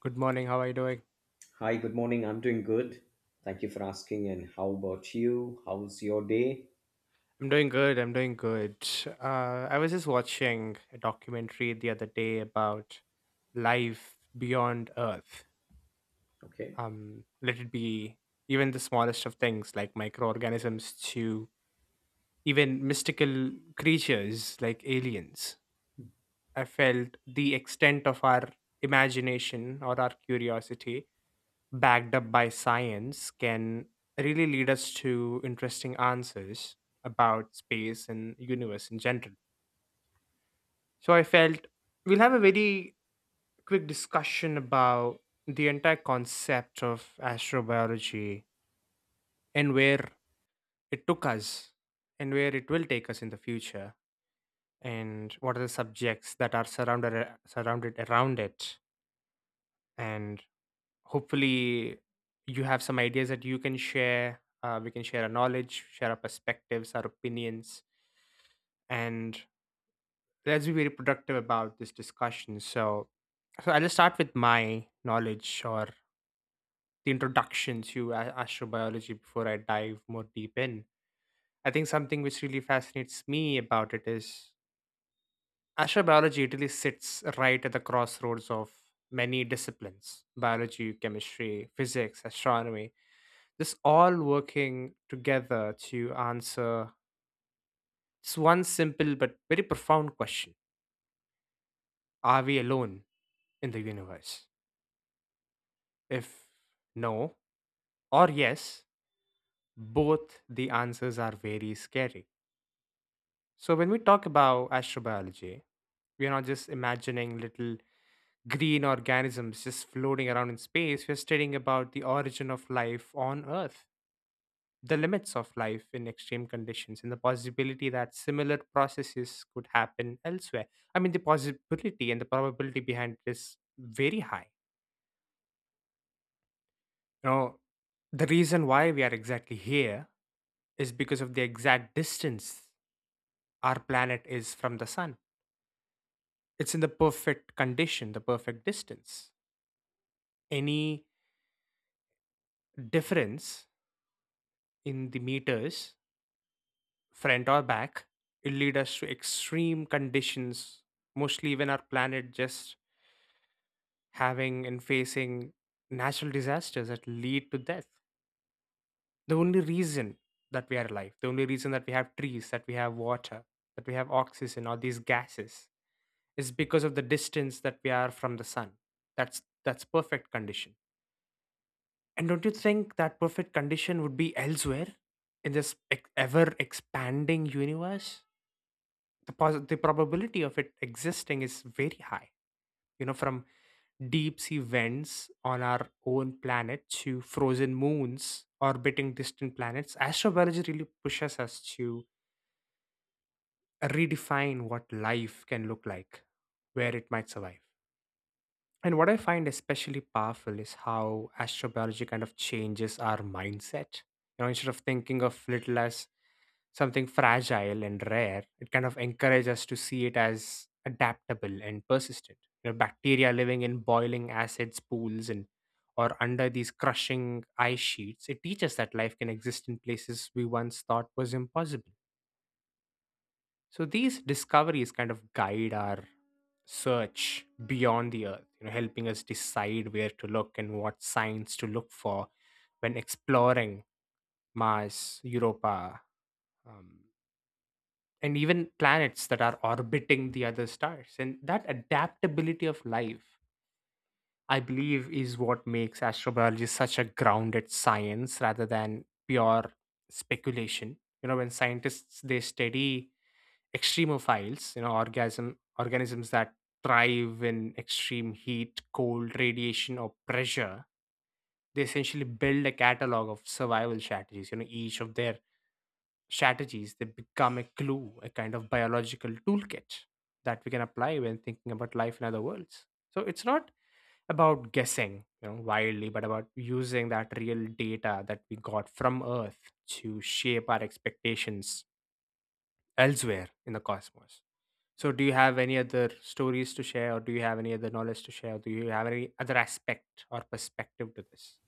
Good morning. How are you doing? Hi, good morning. I'm doing good. Thank you for asking. And how about you? How's your day? I'm doing good. I was just watching a documentary the other day about life beyond Earth. Okay. Let it be even the smallest of things like microorganisms to even mystical creatures like aliens. I felt the extent of our imagination or our curiosity backed up by science can really lead us to interesting answers about space and universe in general, so I felt we'll have a very quick discussion about the entire concept of astrobiology, and where it took us, and where it will take us in the future, and what are the subjects that are surrounded around it, and hopefully you have some ideas that you can share. We can share our knowledge, share our perspectives, our opinions, and let's be very productive about this discussion. So I'll just start with my knowledge or the introduction to astrobiology before I dive more deep in. I think something which really fascinates me about it is astrobiology, it really sits right at the crossroads of many disciplines: biology, chemistry, physics, astronomy. This all working together to answer this one simple but very profound question: are we alone in the universe? If no or yes, both the answers are very scary. So, when we talk about astrobiology, we're not just imagining little green organisms just floating around in space, we're studying about the origin of life on Earth, the limits of life in extreme conditions, and the possibility that similar processes could happen elsewhere. I mean, the possibility and the probability behind it is very high. You know, the reason why we are exactly here is because of the exact distance our planet is from the sun. It's in the perfect condition, the perfect distance. Any difference in the meters, front or back, will lead us to extreme conditions, mostly when our planet just having and facing natural disasters that lead to death. The only reason that we are alive, the only reason that we have trees, that we have water, that we have oxygen or these gases, is because of the distance that we are from the sun. That's perfect condition. And don't you think that perfect condition would be elsewhere in this ever expanding universe? The probability of it existing is very high. You know, from deep sea vents on our own planet to frozen moons orbiting distant planets, astrobiology really pushes us to redefine what life can look like, where it might survive. And what I find especially powerful is how astrobiology kind of changes our mindset. You know, instead of thinking of little as something fragile and rare, it kind of encourages us to see it as adaptable and persistent. You know, bacteria living in boiling acids pools and or under these crushing ice sheets, it teaches that life can exist in places we once thought was impossible. So these discoveries kind of guide our search beyond the earth, you know, helping us decide where to look and what signs to look for when exploring Mars, Europa, um, and even planets that are orbiting the other stars. And that adaptability of life, I believe, is what makes astrobiology such a grounded science rather than pure speculation. You know, when scientists they study extremophiles, you know, organisms that thrive in extreme heat, cold, radiation, or pressure, they essentially build a catalog of survival strategies. You know, each of their strategies they become a clue, a kind of biological toolkit that we can apply when thinking about life in other worlds. So it's not about guessing, you know, wildly, but about using that real data that we got from earth to shape our expectations elsewhere in the cosmos. So do you have any other stories to share, or do you have any other knowledge to share, or do you have any other aspect or perspective to this?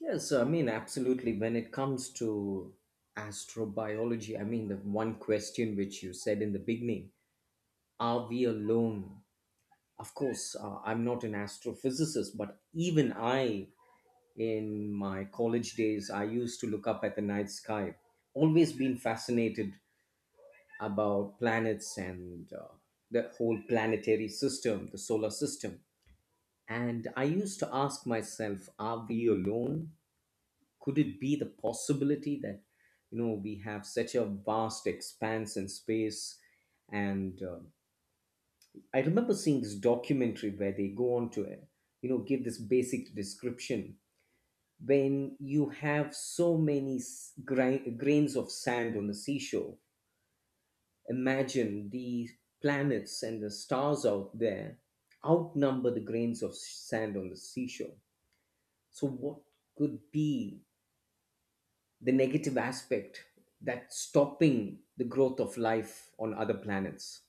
Yes, I mean, absolutely. When it comes to astrobiology, I mean, the one question which you said in the beginning, are we alone? Of course, I'm not an astrophysicist, but even I, in my college days, I used to look up at the night sky. Always been fascinated about planets and the whole planetary system, the solar system. And I used to ask myself, are we alone? Could it be the possibility that, you know, we have such a vast expanse in space? And I remember seeing this documentary where they go on to, you know, give this basic description. When you have so many grains of sand on the seashore, imagine the planets and the stars out there outnumber the grains of sand on the seashore. So, what could be the negative aspect that's stopping the growth of life on other planets?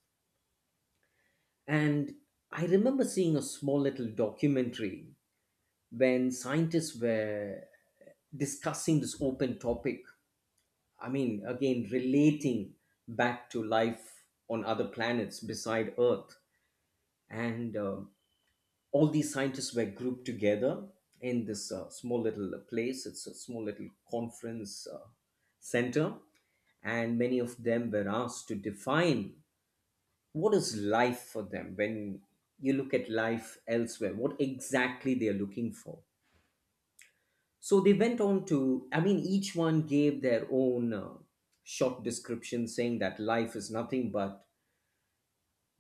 And I remember seeing a small little documentary when scientists were discussing this open topic. I mean, again, relating back to life on other planets beside Earth. And all these scientists were grouped together in this small little place. It's a small little conference center, and many of them were asked to define what is life for them. When you look at life elsewhere, what exactly they are looking for. So they went on to, I mean, each one gave their own short description saying that life is nothing but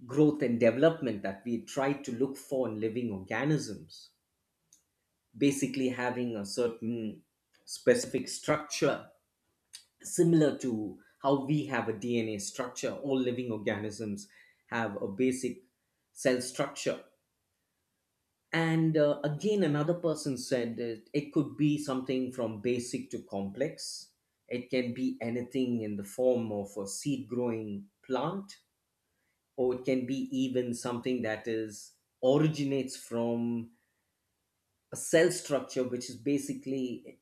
growth and development that we try to look for in living organisms, basically having a certain specific structure similar to how we have a DNA structure. All living organisms have a basic cell structure. And again, another person said that it could be something from basic to complex. It can be anything in the form of a seed growing plant, or it can be even something that is originates from a cell structure which is basically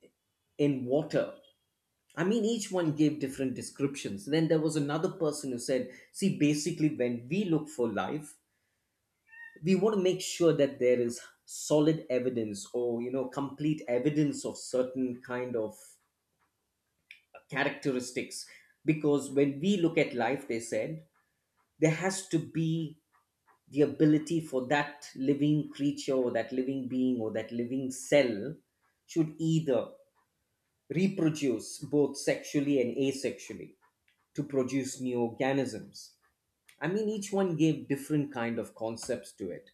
in water. I mean, each one gave different descriptions. Then there was another person who said, see, basically, when we look for life, we want to make sure that there is solid evidence or, you know, complete evidence of certain kind of characteristics. Because when we look at life, they said, there has to be the ability for that living creature or that living being or that living cell should either reproduce both sexually and asexually to produce new organisms. I mean, each one gave different kind of concepts to it.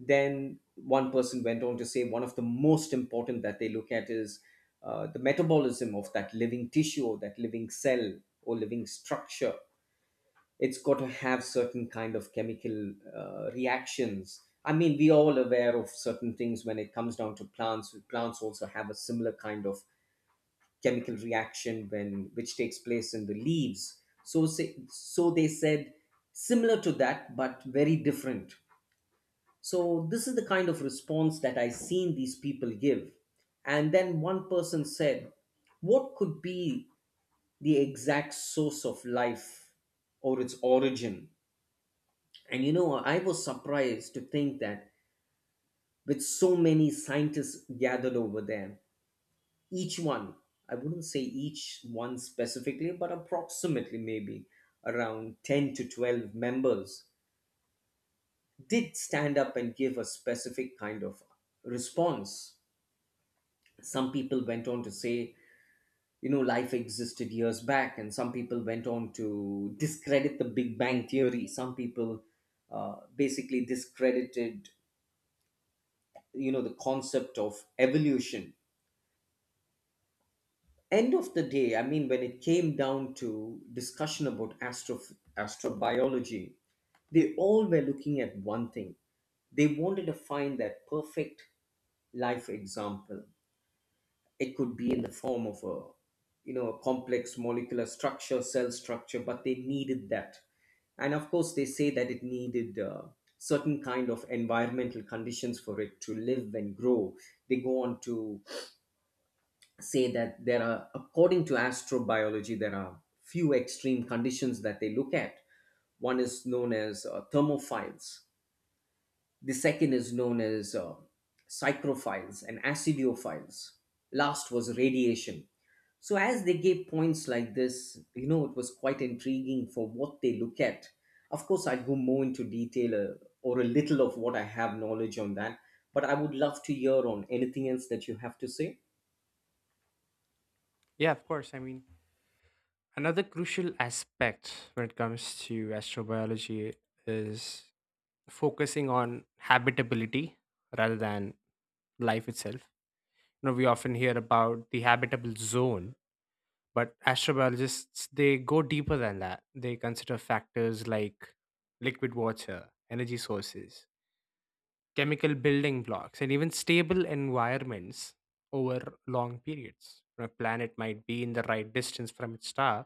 Then one person went on to say one of the most important that they look at is the metabolism of that living tissue or that living cell or living structure. It's got to have certain kind of chemical reactions. I mean, we are all aware of certain things when it comes down to plants. Plants also have a similar kind of chemical reaction when which takes place in the leaves, so say, so they said similar to that but very different. So this is the kind of response that I seen these people give. And then one person said, what could be the exact source of life or its origin? And you know, I was surprised to think that with so many scientists gathered over there, each one, I wouldn't say each one specifically, but approximately maybe around 10 to 12 members did stand up and give a specific kind of response. Some people went on to say, you know, life existed years back, and some people went on to discredit the big bang theory. Some people basically discredited, you know, the concept of evolution. End of the day, I mean, when it came down to discussion about astrobiology, they all were looking at one thing. They wanted to find that perfect life example. It could be in the form of a, you know, a complex molecular structure, cell structure, but they needed that. And of course, they say that it needed certain kind of environmental conditions for it to live and grow. They go on to say that there are, according to astrobiology, there are few extreme conditions that they look at. One is known as thermophiles. The second is known as psychrophiles and acidiophiles. Last was radiation. So as they gave points like this, you know, it was quite intriguing for what they look at. Of course, I'd go more into detail or a little of what I have knowledge on that, but I would love to hear on anything else that you have to say. Yeah, of course, I mean, another crucial aspect when it comes to astrobiology is focusing on habitability rather than life itself. You know, we often hear about the habitable zone, but astrobiologists they go deeper than that. They consider factors like liquid water, energy sources, chemical building blocks, and even stable environments over long periods. A planet might be in the right distance from its star,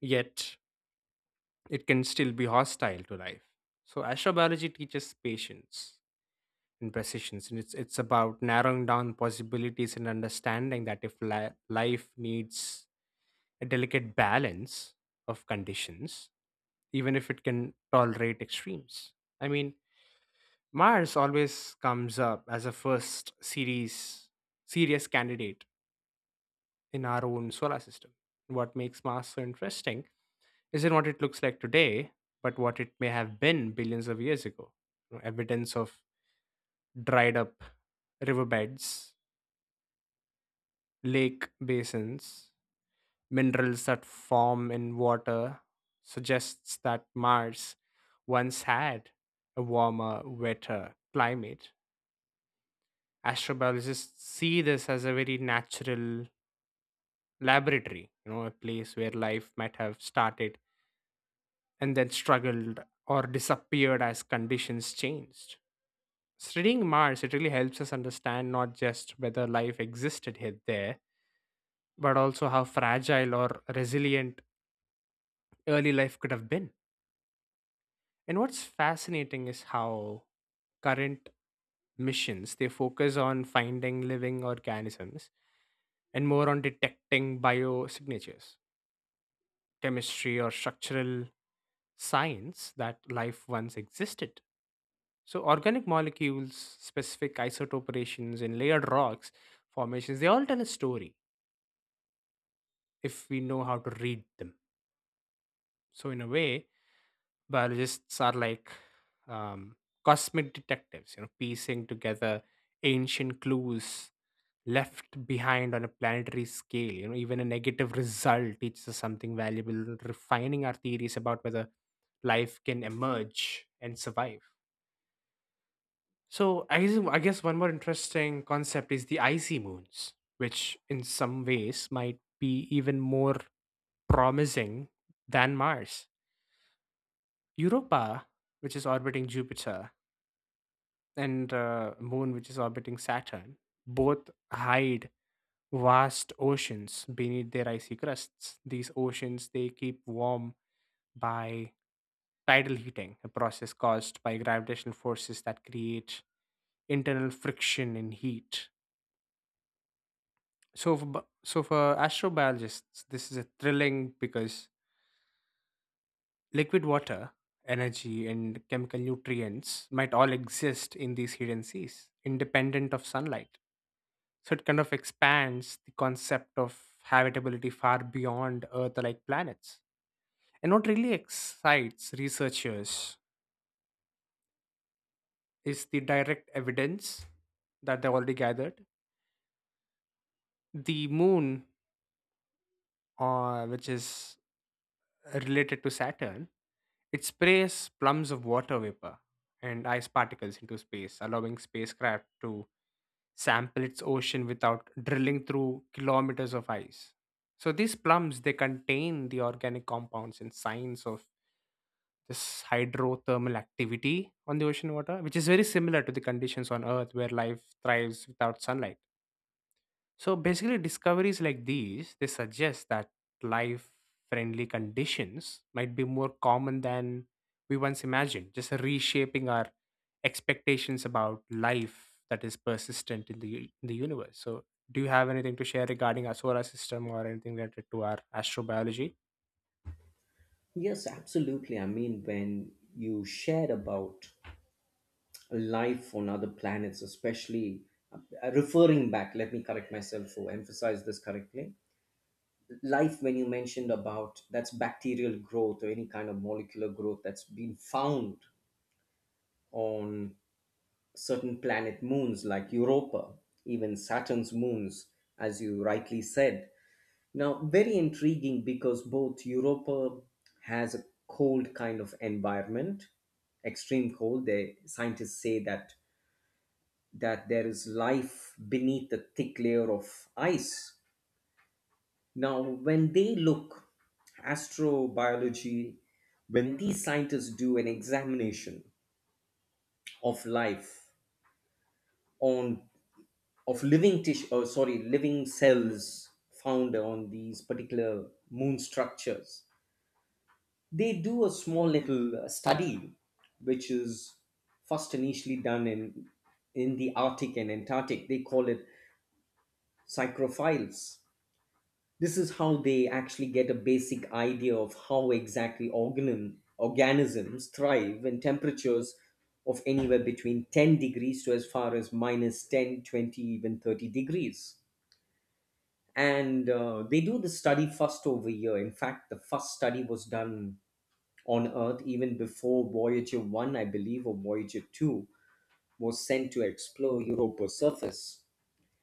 yet it can still be hostile to life. So astrobiology teaches patience and precision, and it's about narrowing down possibilities and understanding that if life needs a delicate balance of conditions, even if it can tolerate extremes. I mean, Mars always comes up as a first series serious candidate in our own solar system. What makes Mars so interesting isn't what it looks like today, but what it may have been billions of years ago. You know, evidence of dried up riverbeds, lake basins, minerals that form in water suggests that Mars once had a warmer, wetter climate. Astrobiologists see this as a very natural laboratory, you know, a place where life might have started and then struggled or disappeared as conditions changed. Studying Mars, it really helps us understand not just whether life existed here there, but also how fragile or resilient early life could have been. And what's fascinating is how current missions they focus on finding living organisms and more on detecting biosignatures, chemistry, or structural signs that life once existed. So organic molecules, specific isotope ratios, and layered rocks formations, they all tell a story if we know how to read them. So in a way, biologists are like um, cosmic detectives, you know, piecing together ancient clues left behind on a planetary scale. You know, even a negative result teaches us something valuable, refining our theories about whether life can emerge and survive. So I guess one more interesting concept is the icy moons, which in some ways might be even more promising than Mars. Europa, which is orbiting Jupiter, and Moon, which is orbiting Saturn, both hide vast oceans beneath their icy crusts. These oceans they keep warm by tidal heating, a process caused by gravitational forces that create internal friction and heat. So for astrobiologists, this is a thrilling because liquid water, energy, and chemical nutrients might all exist in these hidden seas, independent of sunlight. So it kind of expands the concept of habitability far beyond Earth-like planets. And what really excites researchers is the direct evidence that they already gathered. The moon, which is related to Saturn, it sprays plums of water vapor and ice particles into space, allowing spacecraft to sample its ocean without drilling through kilometers of ice. So these plums they contain the organic compounds and signs of this hydrothermal activity on the ocean water, which is very similar to the conditions on Earth where life thrives without sunlight. So basically, discoveries like these they suggest that life-friendly conditions might be more common than we once imagined, just reshaping our expectations about life that is persistent in the in the universe. So, do you have anything to share regarding our solar system or anything related to our astrobiology? Yes, absolutely. I mean, when you shared about life on other planets, especially referring back, let me correct myself to emphasize this correctly. Life, when you mentioned about that's bacterial growth or any kind of molecular growth that's been found on certain planet moons like Europa, even Saturn's moons, as you rightly said. Now, very intriguing because both Europa has a cold kind of environment, extreme cold. The scientists say that there is life beneath a thick layer of ice. Now, when they look astrobiology, when these scientists do an examination of life on of living tissue, oh, sorry, living cells found on these particular moon structures, they do a small little study which is first initially done in the Arctic and Antarctic. They call it psychrophiles. This is how they actually get a basic idea of how exactly organisms thrive in temperatures of anywhere between 10 degrees to as far as minus 10, 20, even 30 degrees. And they do the study first over here. In fact, the first study was done on Earth even before Voyager 1, I believe, or Voyager 2 was sent to explore Europa's surface.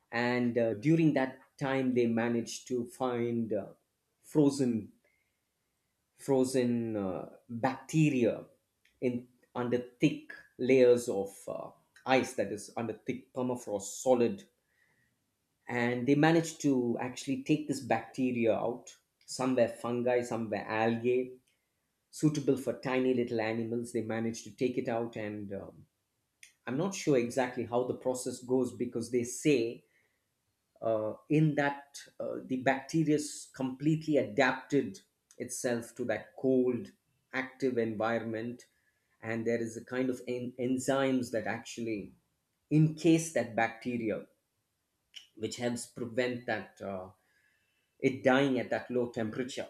And during that time, they managed to find frozen frozen bacteria in under thick layers of ice, that is under thick permafrost solid. And they managed to actually take this bacteria out. Some were fungi, some were algae, suitable for tiny little animals. They manage to take it out, and I'm not sure exactly how the process goes because they say in that the bacteria completely adapted itself to that cold, active environment, and there is a kind of enzymes that actually encase that bacteria, which helps prevent that it dying at that low temperature.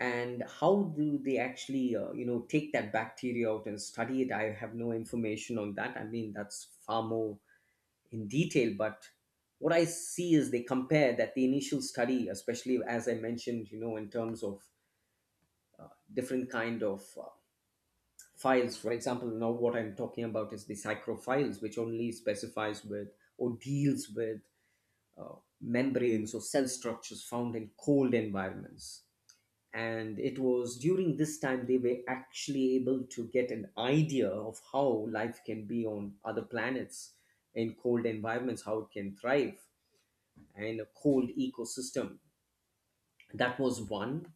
And how do they actually you know, take that bacteria out and study it, I have no information on that. I mean, that's far more in detail. But what I see is they compare that the initial study, especially as I mentioned, you know, in terms of different kind of files, for example. Now what I'm talking about is the psychro files, which only specifies with or deals with membranes or cell structures found in cold environments. And it was during this time they were actually able to get an idea of how life can be on other planets in cold environments, how it can thrive in a cold ecosystem. That was one.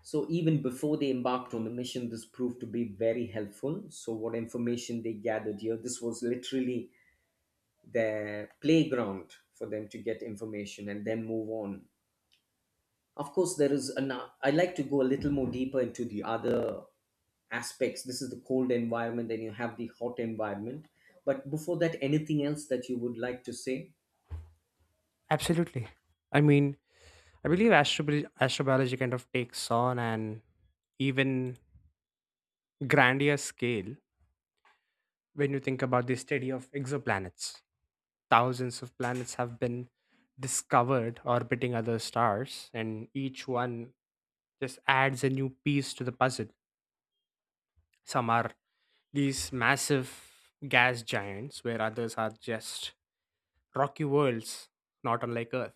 So even before they embarked on the mission, this proved to be very helpful. So what information they gathered here, this was literally their playground for them to get information and then move on. Of course, there is an, I like to go a little more deeper into the other aspects. This is the cold environment, then you have the hot environment. But before that, anything else that you would like to say? Absolutely. I mean, I believe astrobiology kind of takes on an even grander scale when you think about the study of exoplanets. Thousands of planets have been discovered orbiting other stars, and each one just adds a new piece to the puzzle. Some are these massive gas giants, where others are just rocky worlds, not unlike Earth.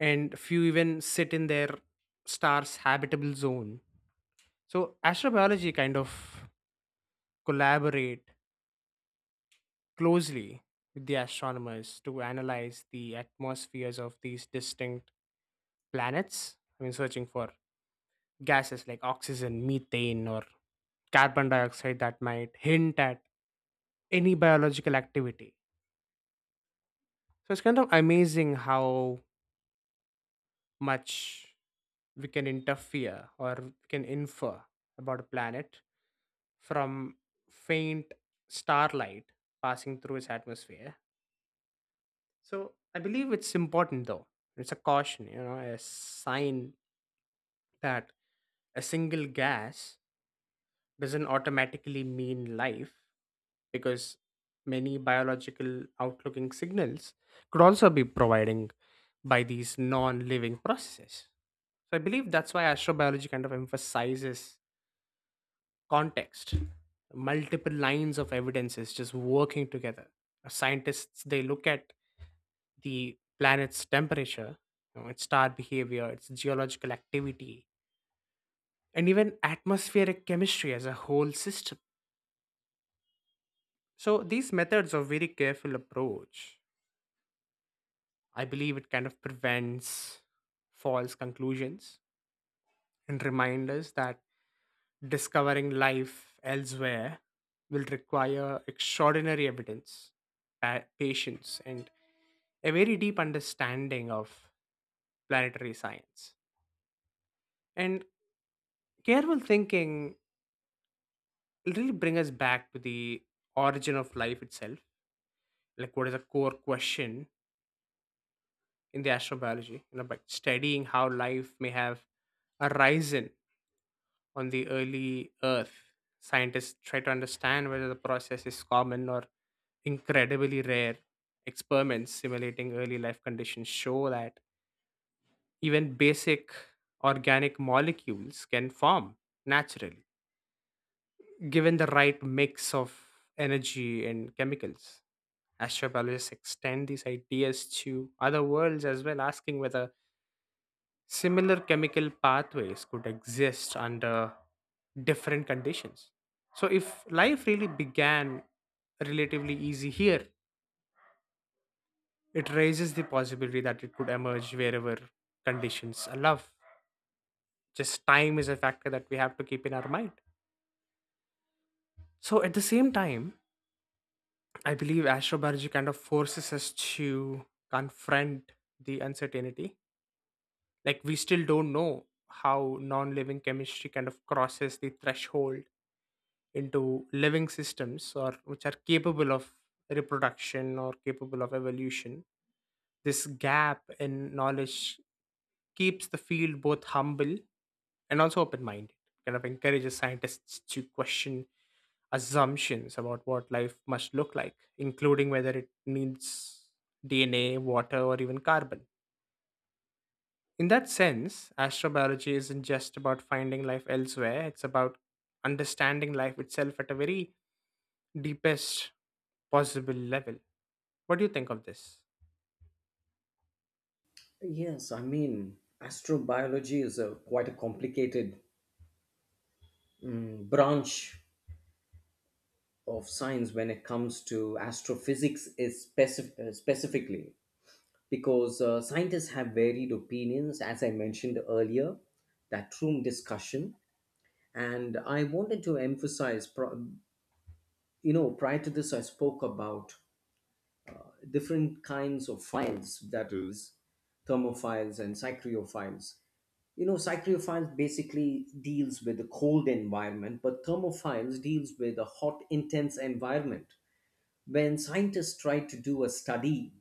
And few even sit in their star's habitable zone. So, astrobiology kind of collaborate closely with the astronomers to analyze the atmospheres of these distinct planets. I mean, searching for gases like oxygen, methane, or carbon dioxide that might hint at any biological activity. So it's kind of amazing how much we can interfere or we can infer about a planet from faint starlight passing through its atmosphere. So I believe it's important though. It's a caution, you know, a sign that a single gas doesn't automatically mean life, because many biological outlooking signals could also be providing by these non-living processes. So I believe that's why astrobiology kind of emphasizes context, multiple lines of evidences just working together. Scientists they look at the planet's temperature, you know, its star behavior, its geological activity, and even atmospheric chemistry as a whole system. So these methods of very careful approach, I believe it kind of prevents false conclusions and reminds us that discovering life elsewhere will require extraordinary evidence, patience, and a very deep understanding of planetary science. And careful thinking will really bring us back to the origin of life itself. Like, what is a core question in the astrobiology? You know, by studying how life may have arisen on the early Earth, scientists try to understand whether the process is common or incredibly rare. Experiments simulating early life conditions show that even basic organic molecules can form naturally, given the right mix of energy and chemicals. Astrobiologists extend these ideas to other worlds as well, asking whether similar chemical pathways could exist under different conditions. So, if life really began relatively easy here, it raises the possibility that it could emerge wherever conditions allow. Just time is a factor that we have to keep in our mind. So, at the same time, I believe astrobiology kind of forces us to confront the uncertainty. Like, we still don't know how non living chemistry kind of crosses the threshold into living systems or which are capable of reproduction or capable of evolution. This gap in knowledge keeps the field both humble and also open-minded, kind of encourages scientists to question assumptions about what life must look like, including whether it needs dna, water, or even carbon. In that sense, astrobiology isn't just about finding life elsewhere, it's about understanding life itself at a very deepest possible level. What do you think of this? Yes, I mean, astrobiology is a quite a complicated branch of science when it comes to astrophysics, is specifically because scientists have varied opinions, as I mentioned earlier, that room discussion. And I wanted to emphasize you know, prior to this, I spoke about different kinds of files, that is thermophiles and cycliophiles. You know, cycliophiles basically deals with the cold environment, but thermophiles deals with a hot intense environment. When scientists try to do a study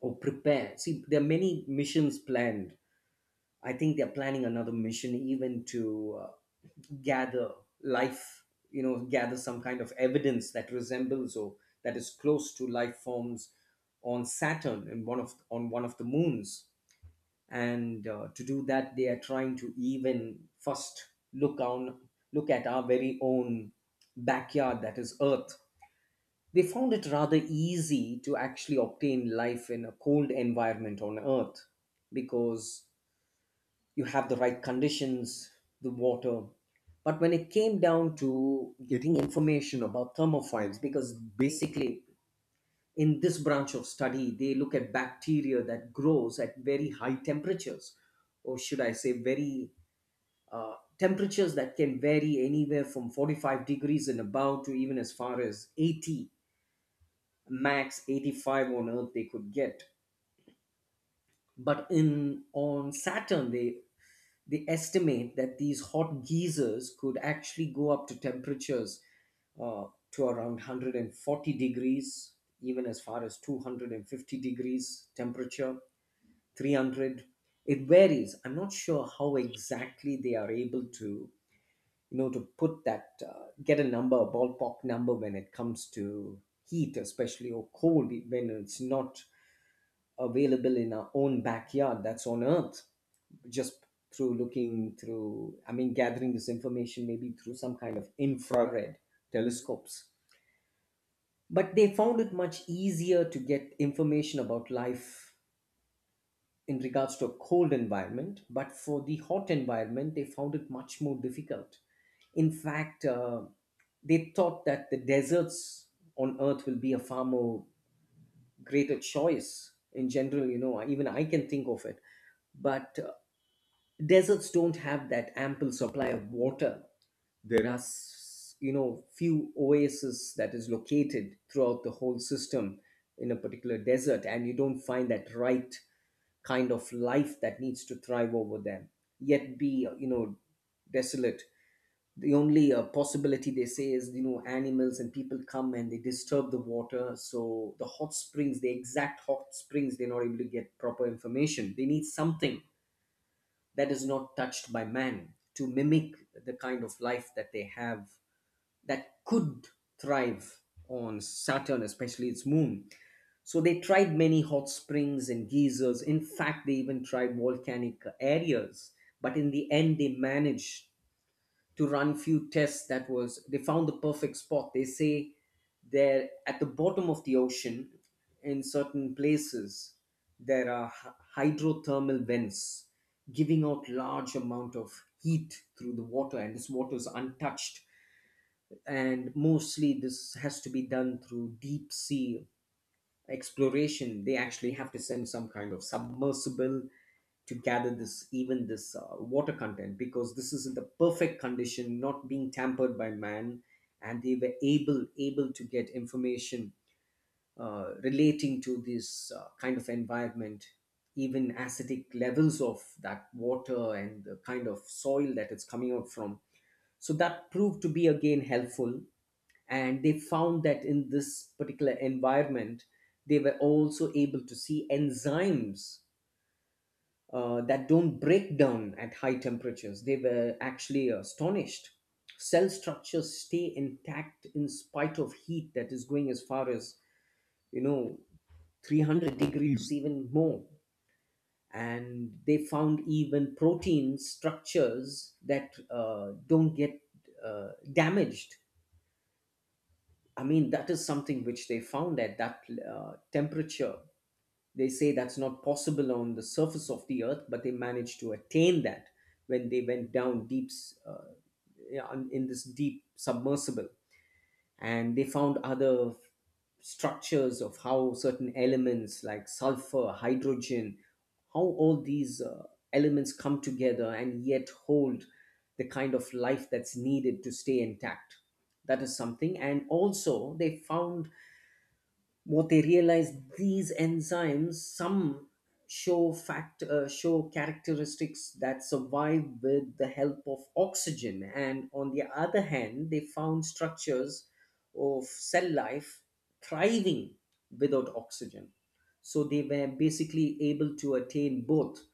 or prepare, see, there are many missions planned. I think they're planning another mission even to gather life, you know, gather some kind of evidence that resembles or that is close to life forms on Saturn and one of on one of the moons. And to do that, they are trying to even first look at our very own backyard, that is Earth. They found it rather easy to actually obtain life in a cold environment on Earth because you have the right conditions, the water. But when it came down to getting information about thermophiles, because basically in this branch of study, they look at bacteria that grows at very high temperatures, or should I say, very temperatures that can vary anywhere from 45 degrees and above to even as far as 80, max 85 on Earth they could get. But in on Saturn, they estimate that these hot geysers could actually go up to temperatures uh, to around 140 degrees, even as far as 250 degrees temperature, 300. It varies. I'm not sure how exactly they are able to, to put that, get a number, a ballpark number when it comes to heat, especially, or cold, when it's not available in our own backyard that's on Earth, just through looking through, I mean gathering this information maybe through some kind of infrared telescopes. But they found it much easier to get information about life in regards to a cold environment, but for the hot environment they found it much more difficult. In fact, they thought that the deserts on Earth will be a far more greater choice in general, you know, even I can think of it. But deserts don't have that ample supply of water. There are you know, few oases that is located throughout the whole system in a particular desert, and you don't find that right kind of life that needs to thrive over them, yet be, you know, desolate. The only possibility, they say, is, you know, animals and people come and they disturb the water, so the hot springs, the exact hot springs, they're not able to get proper information. They need something that is not touched by man to mimic the kind of life that they have that could thrive on Saturn, especially its moon. So they tried many hot springs and geysers. In fact, they even tried volcanic areas, but in the end they managed to run few tests. That was, they found the perfect spot, they say, there at the bottom of the ocean. In certain places there are hydrothermal vents giving out large amount of heat through the water, and this water is untouched. And mostly this has to be done through deep sea exploration. They actually have to send some kind of submersible to gather this, even this, water content, because this is in the perfect condition, not being tampered by man. And they were able to get information relating to this kind of environment, even acidic levels of that water and the kind of soil that it's coming out from. So that proved to be again helpful. And they found that in this particular environment, they were also able to see enzymes, that don't break down at high temperatures. They were actually astonished. Cell structures stay intact in spite of heat that is going as far as, you know, 300 degrees, even more. And they found even protein structures that don't get damaged. I mean, that is something which they found at that temperature. They say that's not possible on the surface of the Earth, but they managed to attain that when they went down yeah, in this deep submersible. And they found other structures of how certain elements like sulfur, hydrogen, how all these elements come together and yet hold the kind of life that's needed to stay intact. That is something. And also, they found, what they realize, these enzymes, some show characteristics that survive with the help of oxygen, and on the other hand they found structures of cell life thriving without oxygen. So they were basically able to attain both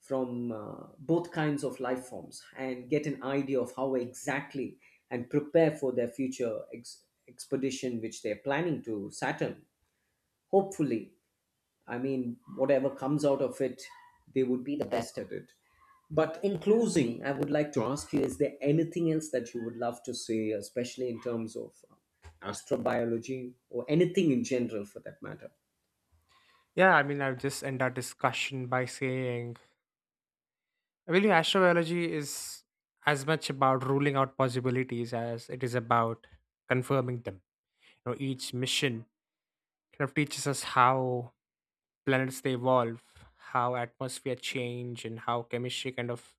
from both kinds of life forms and get an idea of how exactly, and prepare for their future expedition, which they're planning to Saturn, hopefully. I mean, whatever comes out of it, they would be the best at it. But in closing, I would like to ask you, is there anything else that you would love to say, especially in terms of astrobiology or anything in general for that matter? Yeah, I mean, I'll just end our discussion by saying I believe astrobiology is as much about ruling out possibilities as it is about confirming them. You know, each mission kind of teaches us how planets they evolve, how atmosphere change, and how chemistry kind of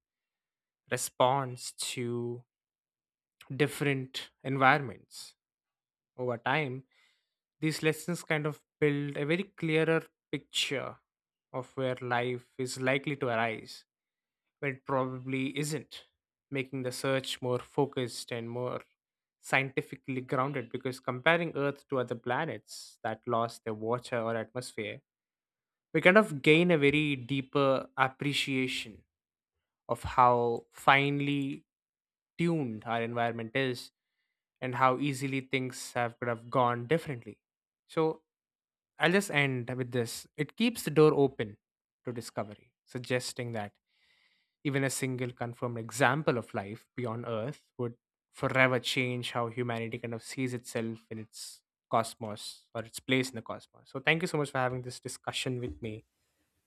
responds to different environments over time. These lessons kind of build a very clearer picture of where life is likely to arise, where it probably isn't, making the search more focused and more scientifically grounded, because comparing earth to other planets that lost their water or atmosphere, we kind of gain a very deeper appreciation of how finely tuned our environment is and how easily things have could have gone differently. So I'll just end with this. It keeps the door open to discovery, suggesting that even a single confirmed example of life beyond Earth would forever change how humanity kind of sees itself in its cosmos or its place in the cosmos. So thank you so much for having this discussion with me.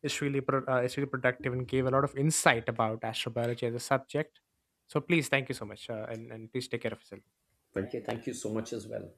Is really is really productive and gave a lot of insight about astrobiology as a subject. So please, thank you so much, and please take care of yourself. Thank you, thank you so much as well.